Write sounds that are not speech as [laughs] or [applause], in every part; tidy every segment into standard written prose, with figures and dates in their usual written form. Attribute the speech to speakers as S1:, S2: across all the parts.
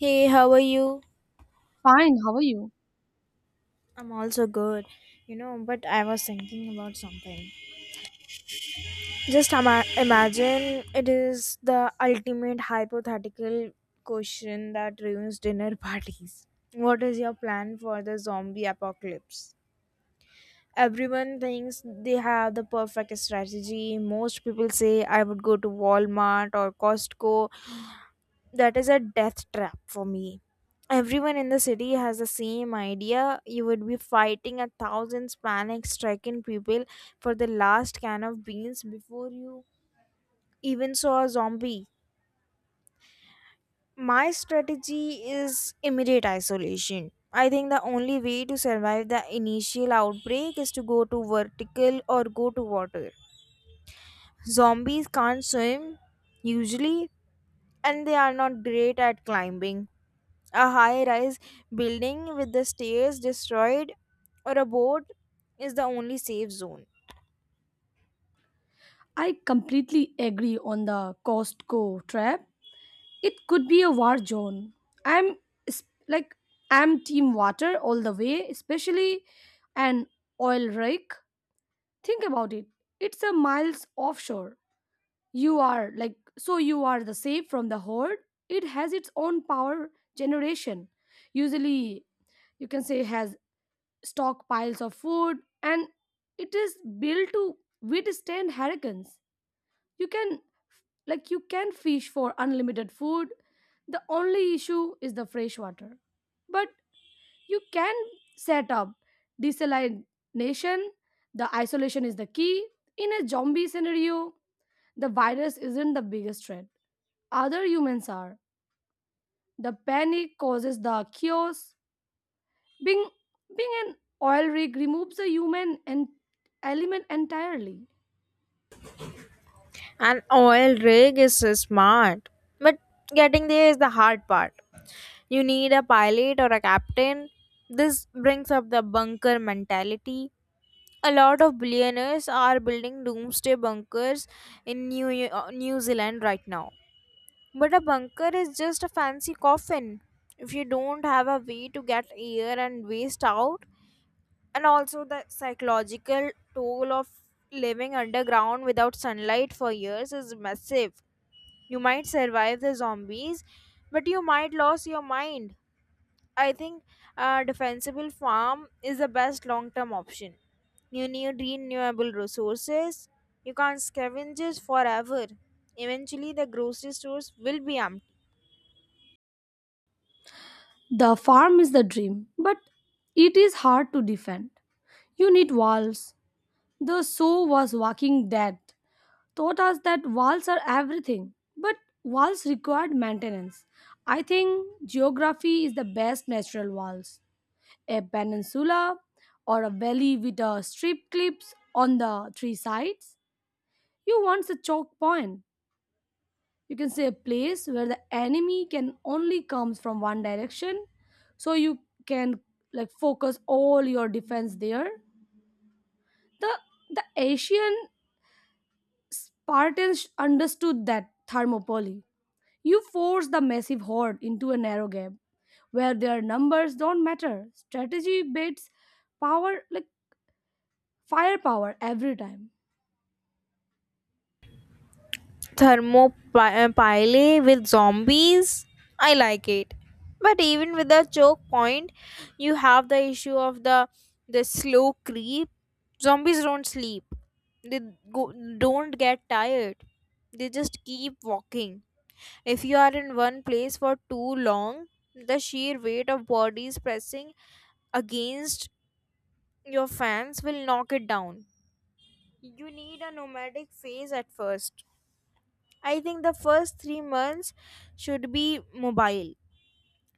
S1: Hey, how are you?
S2: Fine, how are you?
S1: I'm also good, you know, but I was thinking about something. Just imagine it is the ultimate hypothetical question that ruins dinner [laughs] parties. What is your plan for the zombie apocalypse? Everyone thinks they have the perfect strategy. Most people say I would go to Walmart or Costco. That is a death trap for me. Everyone in the city has the same idea. You would be fighting 1,000 panic stricken people for the last can of beans before you even saw a zombie. My strategy is immediate isolation. I think the only way to survive the initial outbreak is to go to vertical or go to water. Zombies can't swim, usually, and they are not great at climbing a high rise building with the stairs destroyed, or a boat is the only safe zone.
S2: I completely agree on the Costco trap. It could be a war zone. I'm s- like I'm team water all the way, especially an oil rig. Think about it. It's a miles offshore. You are like so you are the safe from the horde. It has its own power generation. Usually you can say has stockpiles of food, and it is built to withstand hurricanes. You can like you can fish for unlimited food. The only issue is the fresh water, but you can set up desalination. The isolation is the key in a zombie scenario. The virus isn't the biggest threat, other humans are. The panic causes the chaos. Being being an oil rig removes the human and element entirely.
S1: An oil rig is so smart, but getting there is the hard part. You need a pilot or a captain. This brings up the bunker mentality. A lot of billionaires are building doomsday bunkers in New Zealand right now. But a bunker is just a fancy coffin. If you don't have a way to get air and waste out, and also the psychological toll of living underground without sunlight for years is massive, you might survive the zombies, but you might lose your mind. I think a defensible farm is the best long term option. You need renewable resources. You can't scavenge forever. Eventually the grocery stores will be empty.
S2: The farm is the dream, but it is hard to defend. You need walls. The show was Walking Dead taught us that walls are everything, but walls required maintenance. I think geography is the best natural walls. A peninsula or a valley with a strip clips on the three sides. You want a choke point. You can say a place where the enemy can only comes from one direction, so you can like focus all your defense there. The the Asian Partilles understood that thermopylae. You force the massive horde into a narrow gap where their numbers don't matter. Strategy beats power, like firepower, every time.
S1: Thermopylae with zombies, I like it. But even with the choke point, you have the issue of the slow creep. Zombies don't sleep, they go, don't get tired, they just keep walking. If you are in one place for too long, the sheer weight of bodies pressing against your fans will knock it down. You need a nomadic phase at first. I think the first 3 months should be mobile.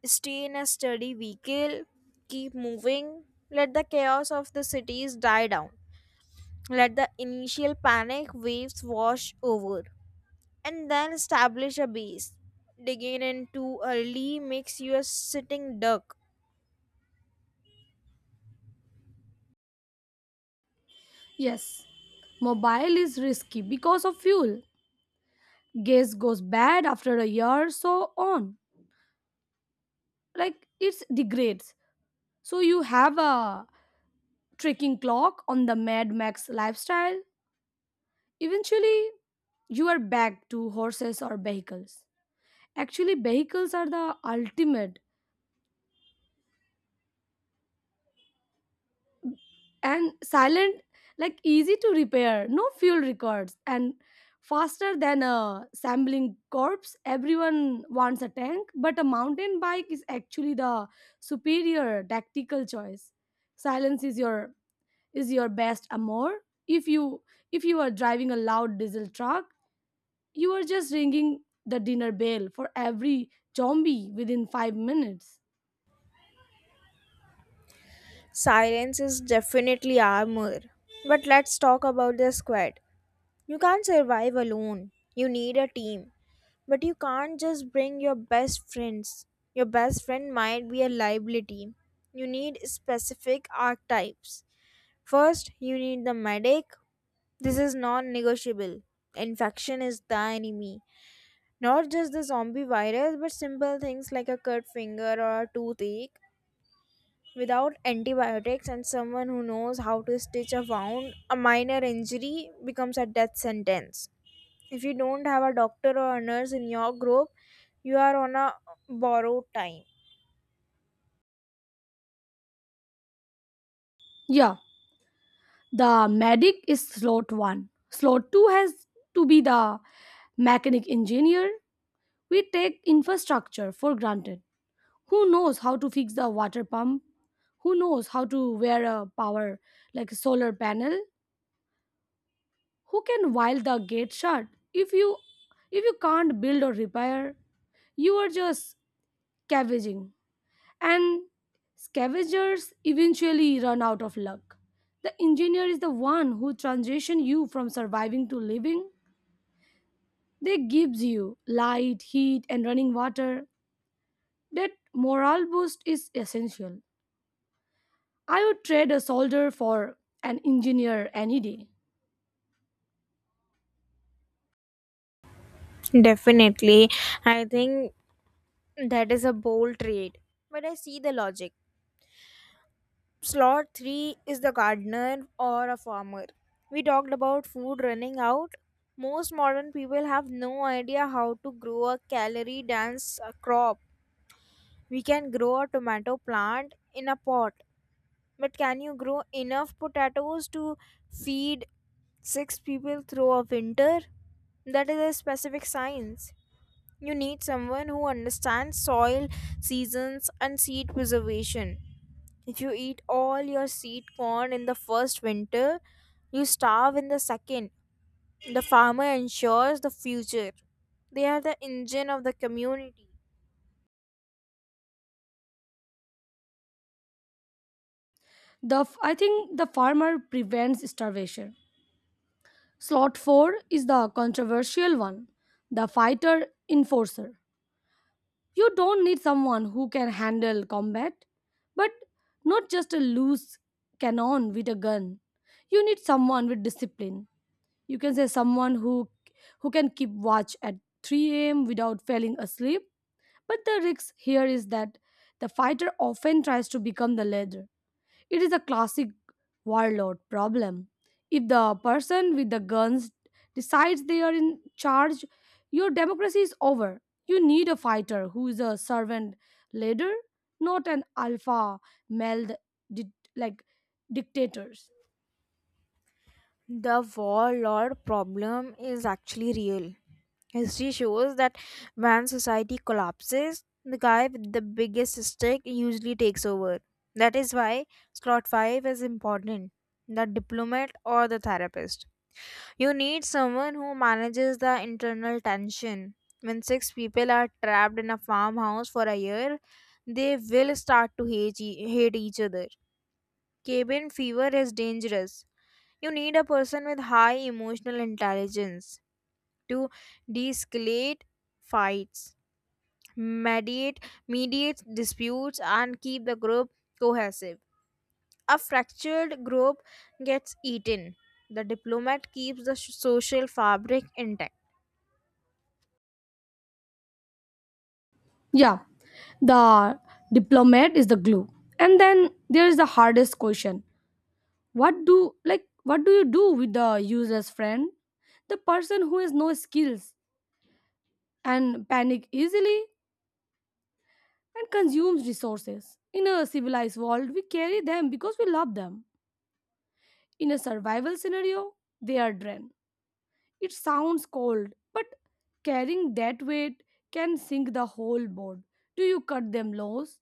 S1: Stay in a steady vehicle, keep moving, let the chaos of the cities die down, let the initial panic waves wash over, and then establish a base. Digging in too early makes you a sitting duck.
S2: Yes, mobile is risky because of fuel. Gas goes bad after a year, so on. Like it degrades. So you have a tracking clock on the Mad Max lifestyle. Eventually, you are back to horses or vehicles. Actually, vehicles are the ultimate and silent, like easy to repair, no fuel records, and faster than a sampling corpse. Everyone wants a tank, but a mountain bike is actually the superior tactical choice. Silence is your best amour. If you if you are driving a loud diesel truck, you are just ringing the dinner bell for every zombie within 5 minutes.
S1: Silence is definitely armor. But let's talk about the squad. You can't survive alone, you need a team. But you can't just bring your best friends. Your best friend might be a liability. You need specific archetypes. First, you need the medic. This is non negotiable. Infection is the enemy. Not just the zombie virus, but simple things like a cut finger or a toothache. Without antibiotics and someone who knows how to stitch a wound, a minor injury becomes a death sentence. If you don't have a doctor or a nurse in your group, you are on a borrowed time.
S2: Yeah, the medic is slot one. Slot two has to be the mechanic engineer. We take infrastructure for granted. Who knows how to fix the water pump? Who knows how to wear a power like a solar panel? Who can weld the gate shut? If you if you can't build or repair, you are just scavenging, and scavengers eventually run out of luck. The engineer is the one who transition you from surviving to living. They gives you light, heat, and running water. That morale boost is essential. I would trade a soldier for an engineer any day.
S1: Definitely. I think that is a bold trade. But I see the logic. Slot 3 is the gardener or a farmer. We talked about food running out. Most modern people have no idea how to grow a calorie dense crop. We can grow a tomato plant in a pot. But can you grow enough potatoes to feed six people through a winter? That is a specific science. You need someone who understands soil, seasons, and seed preservation. If you eat all your seed corn in the first winter, you starve in the second. The farmer ensures the future. They are the engine of the community.
S2: I think the farmer prevents starvation. Slot 4 is the controversial one, the fighter enforcer. You don't need someone who can handle combat, but not just a loose cannon with a gun. You need someone with discipline. You can say someone who can keep watch at 3 a.m. without falling asleep. But the risk here is that the fighter often tries to become the leader. It is a classic warlord problem. If the person with the guns decides they are in charge, your democracy is over. You need a fighter who is a servant leader, not an alpha male like dictators.
S1: The warlord problem is actually real. History shows that when society collapses, the guy with the biggest stick usually takes over. That is why slot 5 is important, the diplomat or the therapist. You need someone who manages the internal tension. When six people are trapped in a farmhouse for a year, they will start to hate each other. Cabin fever is dangerous. You need a person with high emotional intelligence to de-escalate fights, mediate mediate disputes, and keep the group cohesive. A fractured group gets eaten. The diplomat keeps the social fabric intact.
S2: Yeah, the diplomat is the glue. And then there is the hardest question. What do you do with the useless friend? The person who has no skills and panic easily and consumes resources. In a civilized world, we carry them because we love them. In a survival scenario, they are drained. It sounds cold, but carrying that weight can sink the whole board. Do you cut them loose?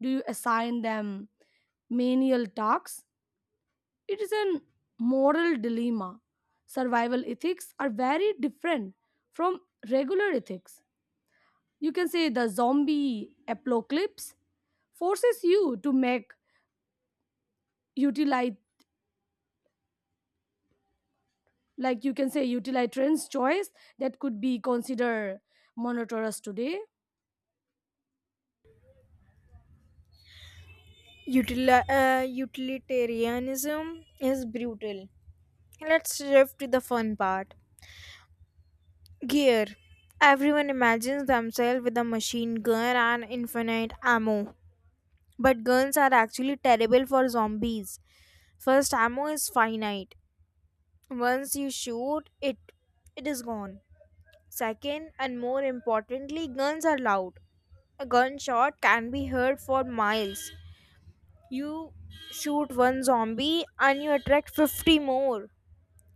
S2: Do you assign them menial tasks? It is an moral dilemma. Survival ethics are very different from regular ethics. You can say the zombie apocalypse forces you to make utilize, like you can say utilize trends choice that could be considered monotonous today.
S1: Utilitarianism is brutal. Let's shift to the fun part. Gear. Everyone imagines themselves with a machine gun and infinite ammo. But guns are actually terrible for zombies. First, ammo is finite. Once you shoot, it is gone. Second, and more importantly, guns are loud. A gunshot can be heard for miles. You shoot one zombie and you attract 50 more.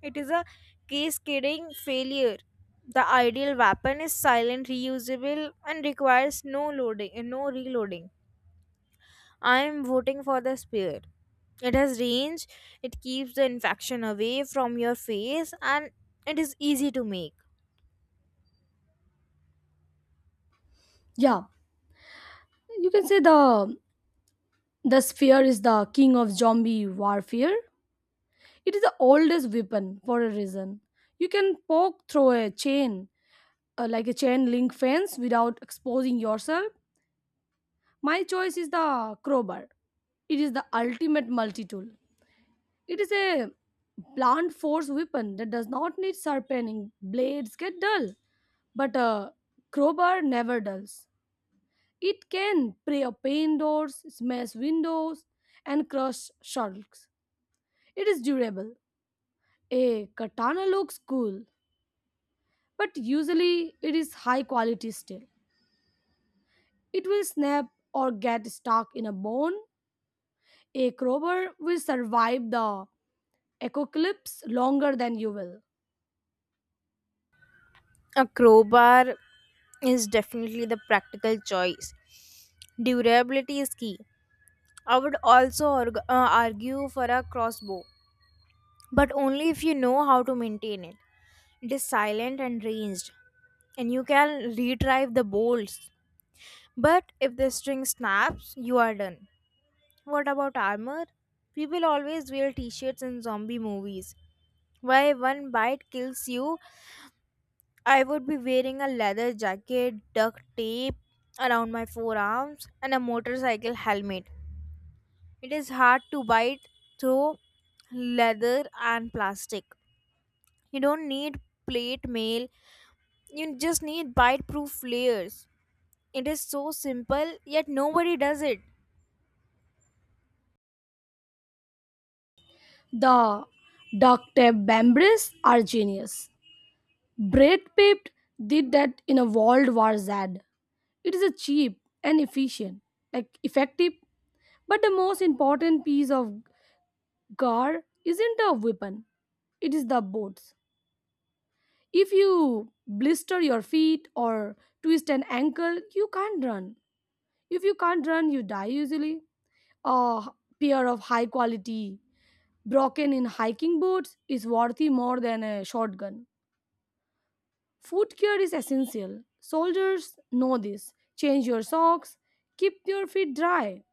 S1: It is a cascading failure. The ideal weapon is silent, reusable, and requires no loading, no reloading. I am voting for the spear. It has range, it keeps the infection away from your face, and it is easy to make.
S2: Yeah, you can say the sphere is the king of zombie warfare. It is the oldest weapon for a reason. You can poke through a chain, like a chain link fence, without exposing yourself. My choice is the crowbar. It is the ultimate multi-tool. It is a blunt force weapon that does not need sharpening. Blades get dull, but a crowbar never dulls. It can prey upon doors, smash windows, and crush sharks. It is durable. A katana looks cool, but usually it is high quality steel. It will snap or get stuck in a bone. A crowbar will survive the apocalypse longer than you will.
S1: A crowbar is definitely the practical choice. Durability is key. I would also argue for a crossbow, but only if you know how to maintain it. It is silent and ranged, and you can retrieve the bolts. But if the string snaps, you are done. What about armor? People always wear t shirts in zombie movies. Why one bite kills you? I would be wearing a leather jacket, duct tape around my forearms, and a motorcycle helmet. It is hard to bite through leather and plastic. You don't need plate mail, you just need bite proof layers. It is so simple, yet nobody does it.
S2: The duct tape bambaries are genius. Brad Pitt did that in a World War Z. It is a cheap and efficient, like effective. But the most important piece of gar isn't a weapon, it is the boots. If you blister your feet or twist an ankle, you can't run. If you can't run, you die usually. A pair of high quality broken in hiking boots is worthy more than a shotgun. Foot care is essential. Soldiers know this. Change your socks, keep your feet dry.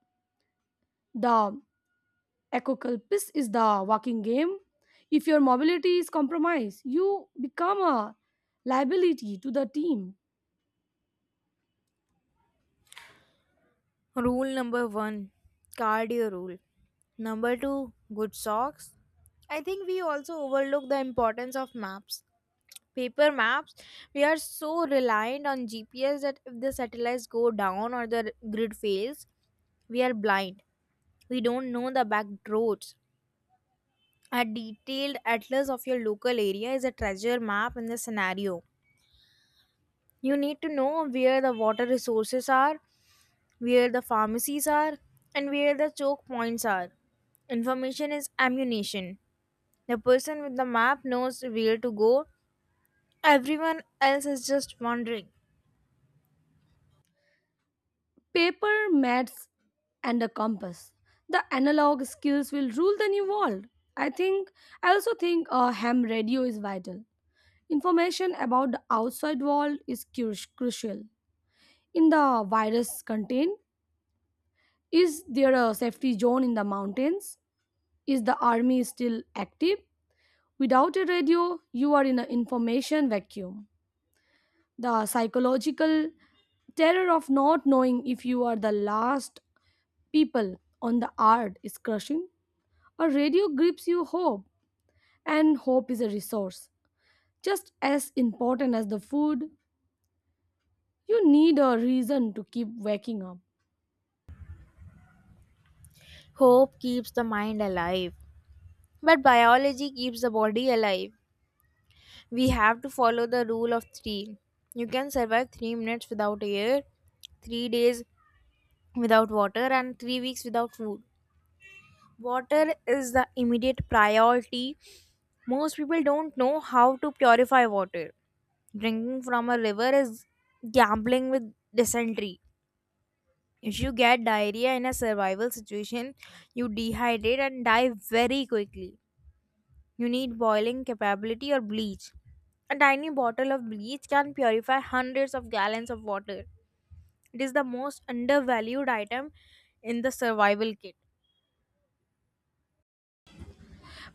S2: The Ecoculpis is the walking game. If your mobility is compromised, you become a liability to the team.
S1: Rule number one, cardio rule. Number two, good socks. I think we also overlook the importance of maps. Paper maps, we are so reliant on GPS that if the satellites go down or the grid fails, we are blind. We don't know the back roads. A detailed atlas of your local area is a treasure map in the scenario. You need to know where the water resources are, where the pharmacies are, and where the choke points are. Information is ammunition. The person with the map knows where to go, everyone else is just wandering.
S2: Paper, mats, and a compass. The analog skills will rule the new world. I think I also think a ham radio is vital. Information about the outside world is crucial. In the virus contained, is there a safety zone in the mountains? Is the army still active? Without a radio, you are in an information vacuum. The psychological terror of not knowing if you are the last people on the earth is crushing. A radio gives you hope, and hope is a resource. Just as important as the food, you need a reason to keep waking up.
S1: Hope keeps the mind alive, but biology keeps the body alive. We have to follow the rule of three. You can survive 3 minutes without air, 3 days without water, and 3 weeks without food. Water is the immediate priority. Most people don't know how to purify water. Drinking from a river is gambling with dysentery. If you get diarrhea in a survival situation, you dehydrate and die very quickly. You need boiling capability or bleach. A tiny bottle of bleach can purify hundreds of gallons of water. It is the most undervalued item in the survival kit.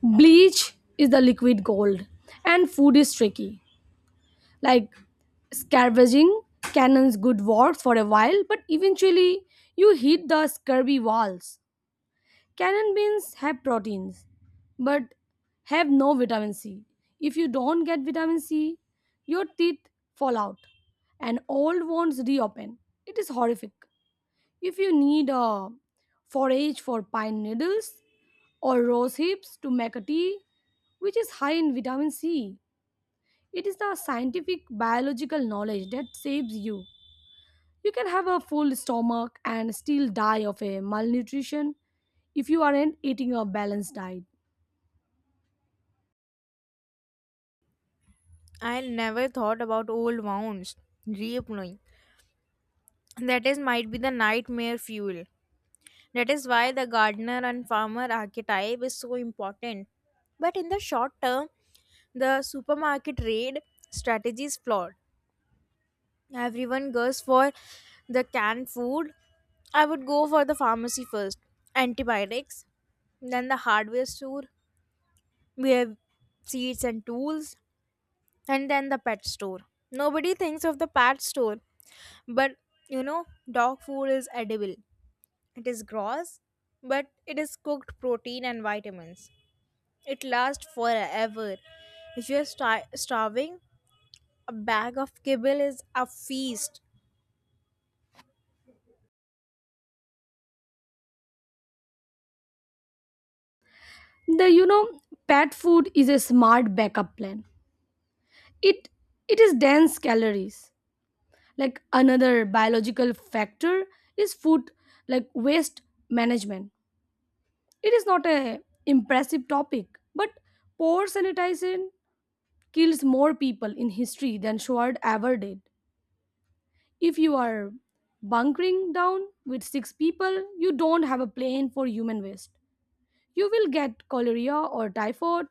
S2: Bleach is the liquid gold, and food is tricky. Like scavenging cannons good work for a while, but eventually you hit the scurvy walls. Cannon beans have proteins, but have no vitamin c. If you don't get vitamin c, your teeth fall out and old wounds reopen. It is horrific. If you need a forage for pine needles or rose hips to make a tea, which is high in vitamin c, it is the scientific biological knowledge that saves you. You can have a full stomach and still die of a malnutrition if you aren't eating a balanced diet.
S1: I never thought about old wounds reapplying. That is might be the nightmare fuel. That is why the gardener and farmer archetype is so important. But in the short term, the supermarket raid strategy is flawed. Everyone goes for the canned food. I would go for the pharmacy first, antibiotics, then the hardware store. We have seeds and tools, and then the pet store. Nobody thinks of the pet store, but, you know, dog food is edible. It is gross, but it is cooked protein and vitamins. It lasts forever. If you're starving, a bag of kibble is a feast.
S2: The pet food is a smart backup plan. It it is dense calories. Like another biological factor is food like waste management. It is not a impressive topic, but poor sanitation kills more people in history than Schwab ever did. If you are bunkering down with six people, you don't have a plan for human waste. You will get cholera or typhoid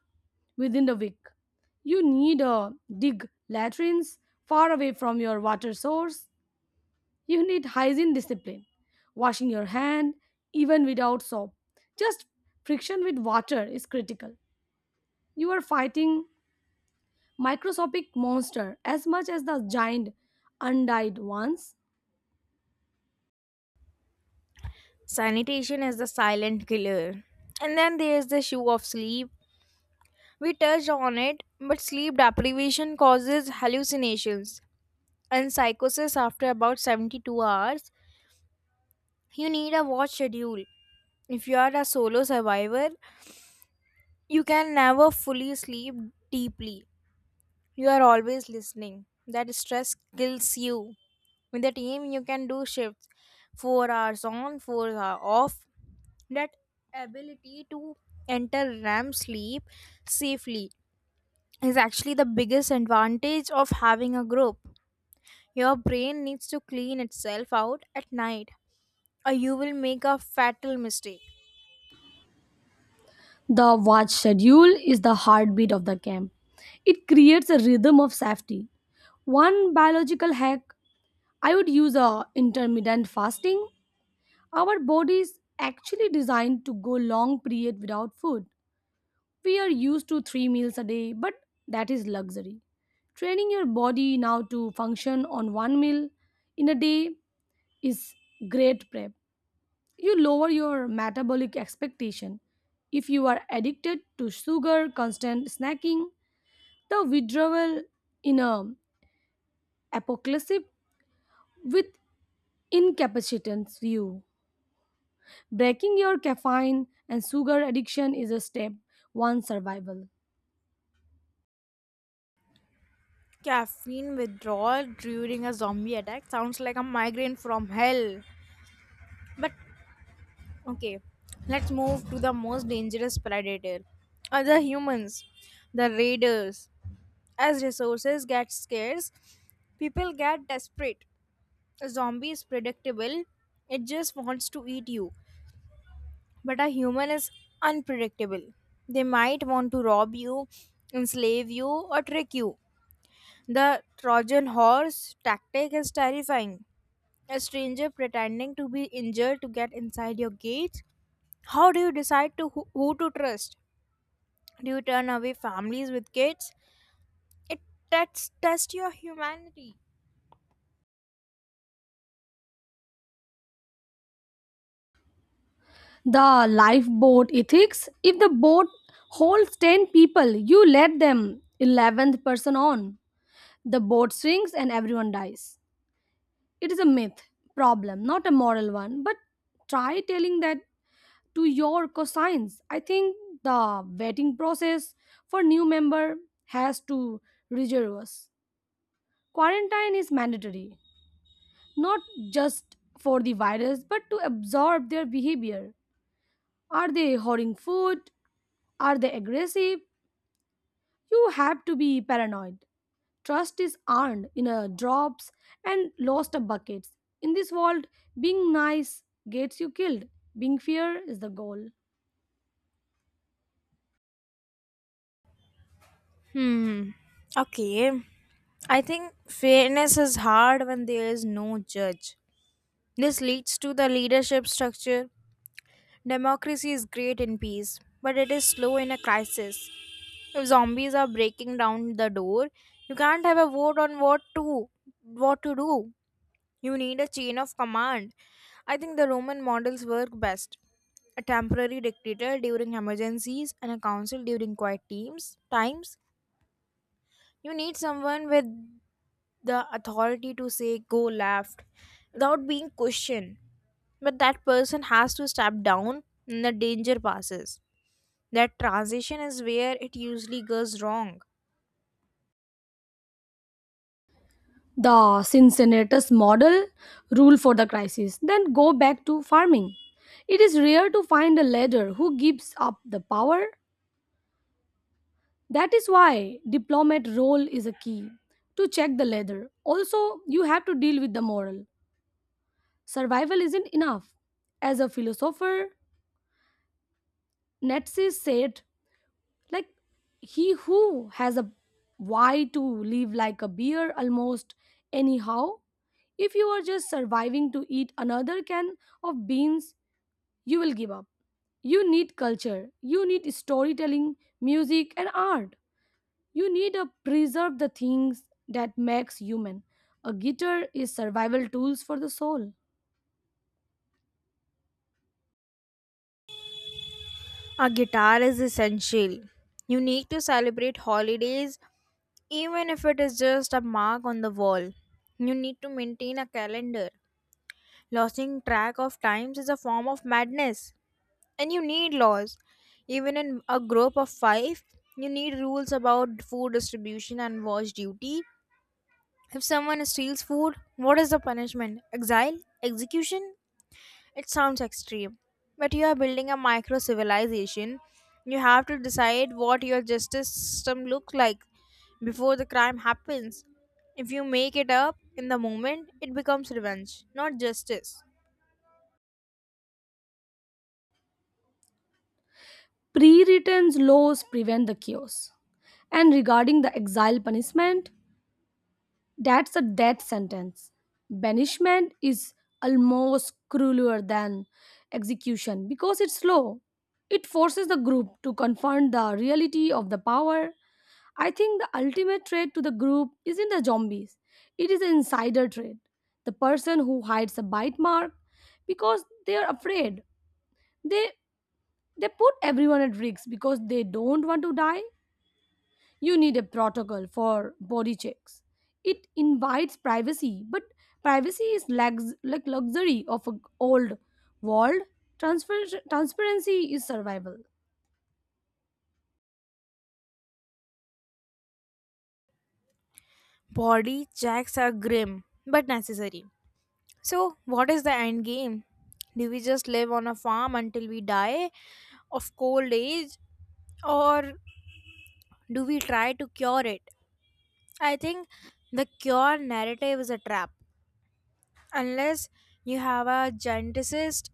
S2: within the week. You need a dig latrines far away from your water source. You need hygiene discipline, washing your hand even without soap. Just friction with water is critical. You are fighting microscopic monster as much as the giant undyed ones.
S1: Sanitation is the silent killer. And then there's the issue of sleep. We touched on it, but sleep deprivation causes hallucinations and psychosis after about 72 hours. You need a watch schedule. If you are a solo survivor, you can never fully sleep deeply. You are always listening. That stress kills you. With the team, you can do shifts, 4 hours on, 4 hours off. That ability to enter REM sleep safely is actually the biggest advantage of having a group. Your brain needs to clean itself out at night, or you will make a fatal mistake.
S2: The watch schedule is the heartbeat of the camp. It creates a rhythm of safety. One biological hack I would use a intermittent fasting. Our body is actually designed to go long period without food. We are used to 3 meals a day, but that is luxury. Training your body now to function on one meal in a day is great prep. You lower your metabolic expectation if you are addicted to sugar, constant snacking. The withdrawal in a apocalypse with incapacitance view. Breaking your caffeine and sugar addiction is a step one survival.
S1: Caffeine withdrawal during a zombie attack sounds like a migraine from hell. But okay, let's move to the most dangerous predator. Other humans, the raiders. As resources get scarce, people get desperate. A zombie is predictable, it just wants to eat you. But a human is unpredictable. They might want to rob you, enslave you, or trick you. The Trojan horse tactic is terrifying. A stranger pretending to be injured to get inside your gate. How do you decide to who to trust? Do you turn away families with kids? It tests test your humanity.
S2: The lifeboat ethics. If the boat holds 10 people, you let them 11th person on. The boat sinks and everyone dies. It is a myth problem, not a moral one, but try telling that to your cosigns. I think the vetting process for new member has to rigorous. Quarantine is mandatory, not just for the virus, but to absorb their behavior. Are they hoarding food? Are they aggressive? You have to be paranoid. Trust is earned in a drops and lost of buckets. In this world, being nice gets you killed. Being fair is the goal.
S1: Hmm. Okay. I think fairness is hard when there is no judge. This leads to the leadership structure. Democracy is great in peace, but it is slow in a crisis. If zombies are breaking down the door, you can't have a vote on what to do. You need a chain of command. I think the Roman models work best. A temporary dictator during emergencies and a council during quiet teams times. You need someone with the authority to say go left without being questioned. But that person has to step down when the danger passes. That transition is where it usually goes wrong.
S2: The Cincinnatus model, rule for the crisis, then go back to farming. It is rare to find a leader who gives up the power. That is why diplomat role is a key to check the leader. Also, you have to deal with the moral. Survival isn't enough. As a philosopher, Nietzsche said, like he who has a why to live like a beer almost anyhow. If you are just surviving to eat another can of beans, you will give up. You need culture. You need storytelling, music, and art. You need to preserve the things that makes human. A guitar is survival tools for the soul.
S1: A guitar is essential. You need to celebrate holidays. Even if it is just a mark on the wall, you need to maintain a calendar. Losing track of times is a form of madness, and you need laws. Even in a group of five, you need rules about food distribution and wash duty. If someone steals food, what is the punishment? Exile? Execution? It sounds extreme, but you are building a micro civilization. You have to decide what your justice system looks like before the crime happens. If you make it up in the moment, it becomes revenge, not justice.
S2: Pre-written laws prevent the chaos. And regarding the exile punishment, that's a death sentence. Banishment is almost crueler than execution because it's slow. It forces the group to confront the reality of the power. I think the ultimate threat to the group isn't the zombies, it is the insider threat. The person who hides a bite mark because they are afraid. They they put everyone at risk because they don't want to die. You need a protocol for body checks. It invites privacy, but privacy is like luxury of an old world. Transparency is survival.
S1: Body checks are grim but necessary. So, what is the end game? Do we just live on a farm until we die of cold age, or do we try to cure it? I think the cure narrative is a trap. Unless you have a geneticist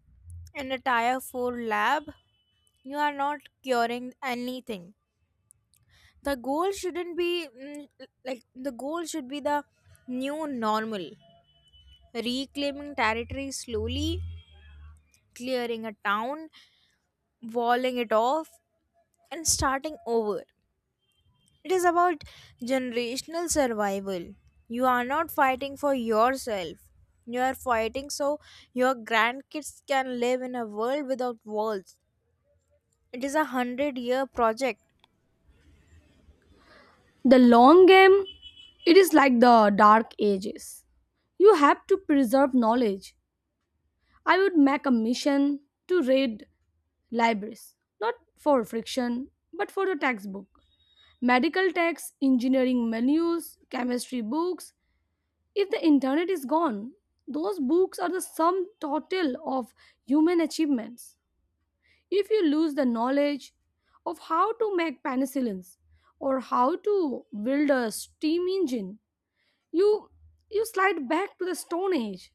S1: in a tier 4 lab, you are not curing anything. The goal shouldn't be like, the goal should be the new normal. Reclaiming territory slowly, clearing a town, walling it off, and starting over. It is about generational survival. You are not fighting for yourself. You are fighting so your grandkids can live in a world without walls. It is a 100-year project.
S2: The long game, it is like the dark ages. You have to preserve knowledge. I would make a mission to raid libraries, not for friction, but for the textbook. Medical texts, engineering manuals, chemistry books. If the internet is gone, those books are the sum total of human achievements. If you lose the knowledge of how to make penicillins or how to build a steam engine, you you slide back to the stone age.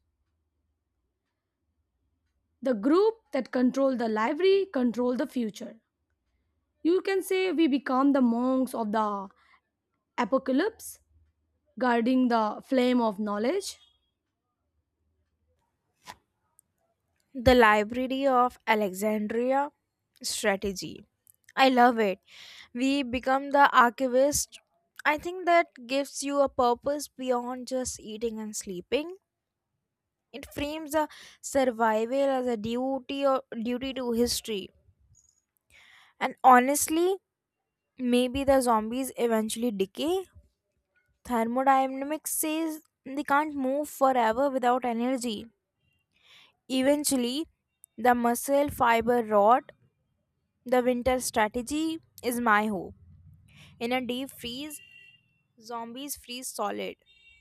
S2: The group that control the library control the future. You can say we become the monks of the apocalypse, guarding the flame of knowledge.
S1: The Library of Alexandria strategy. I love it. We become the archivist. I think that gives you a purpose beyond just eating and sleeping. It frames the survival as a duty to history. And honestly, maybe the zombies eventually decay. Thermodynamics says they can't move forever without energy. Eventually, the muscle fiber rot. The winter strategy is my hope. In a deep freeze, zombies freeze solid.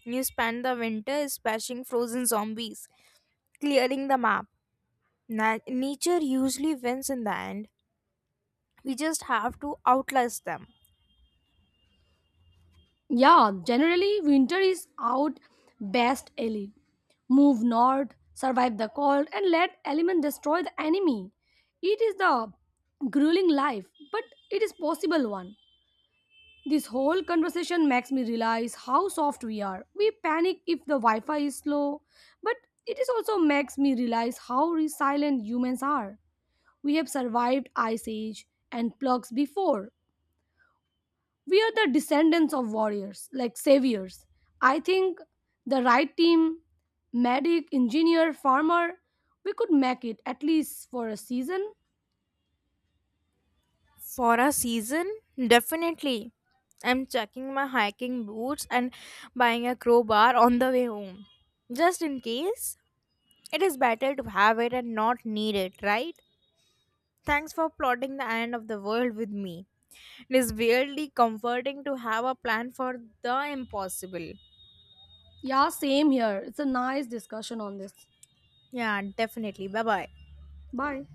S1: You spend the winter smashing frozen zombies, clearing the map. Nature usually wins in the end. We just have to outlast them.
S2: Yeah, generally winter is out best ally. Move north, survive the cold, and let element destroy the enemy. It is the grueling life, but it is possible one. This whole conversation makes me realize how soft we are. We panic if the Wi-Fi is slow, but it is also makes me realize how resilient humans are. We have survived ice age and plugs before. We are the descendants of warriors, like saviors. I think the right team, medic, engineer, farmer, we could make it at least for a season.
S1: For a season, definitely. I'm checking my hiking boots and buying a crowbar on the way home. Just in case, it is better to have it and not need it, right? Thanks for plotting the end of the world with me. It is weirdly comforting to have a plan for the impossible.
S2: Yeah, same here. It's a nice discussion on this.
S1: Yeah, definitely. Bye bye.
S2: Bye.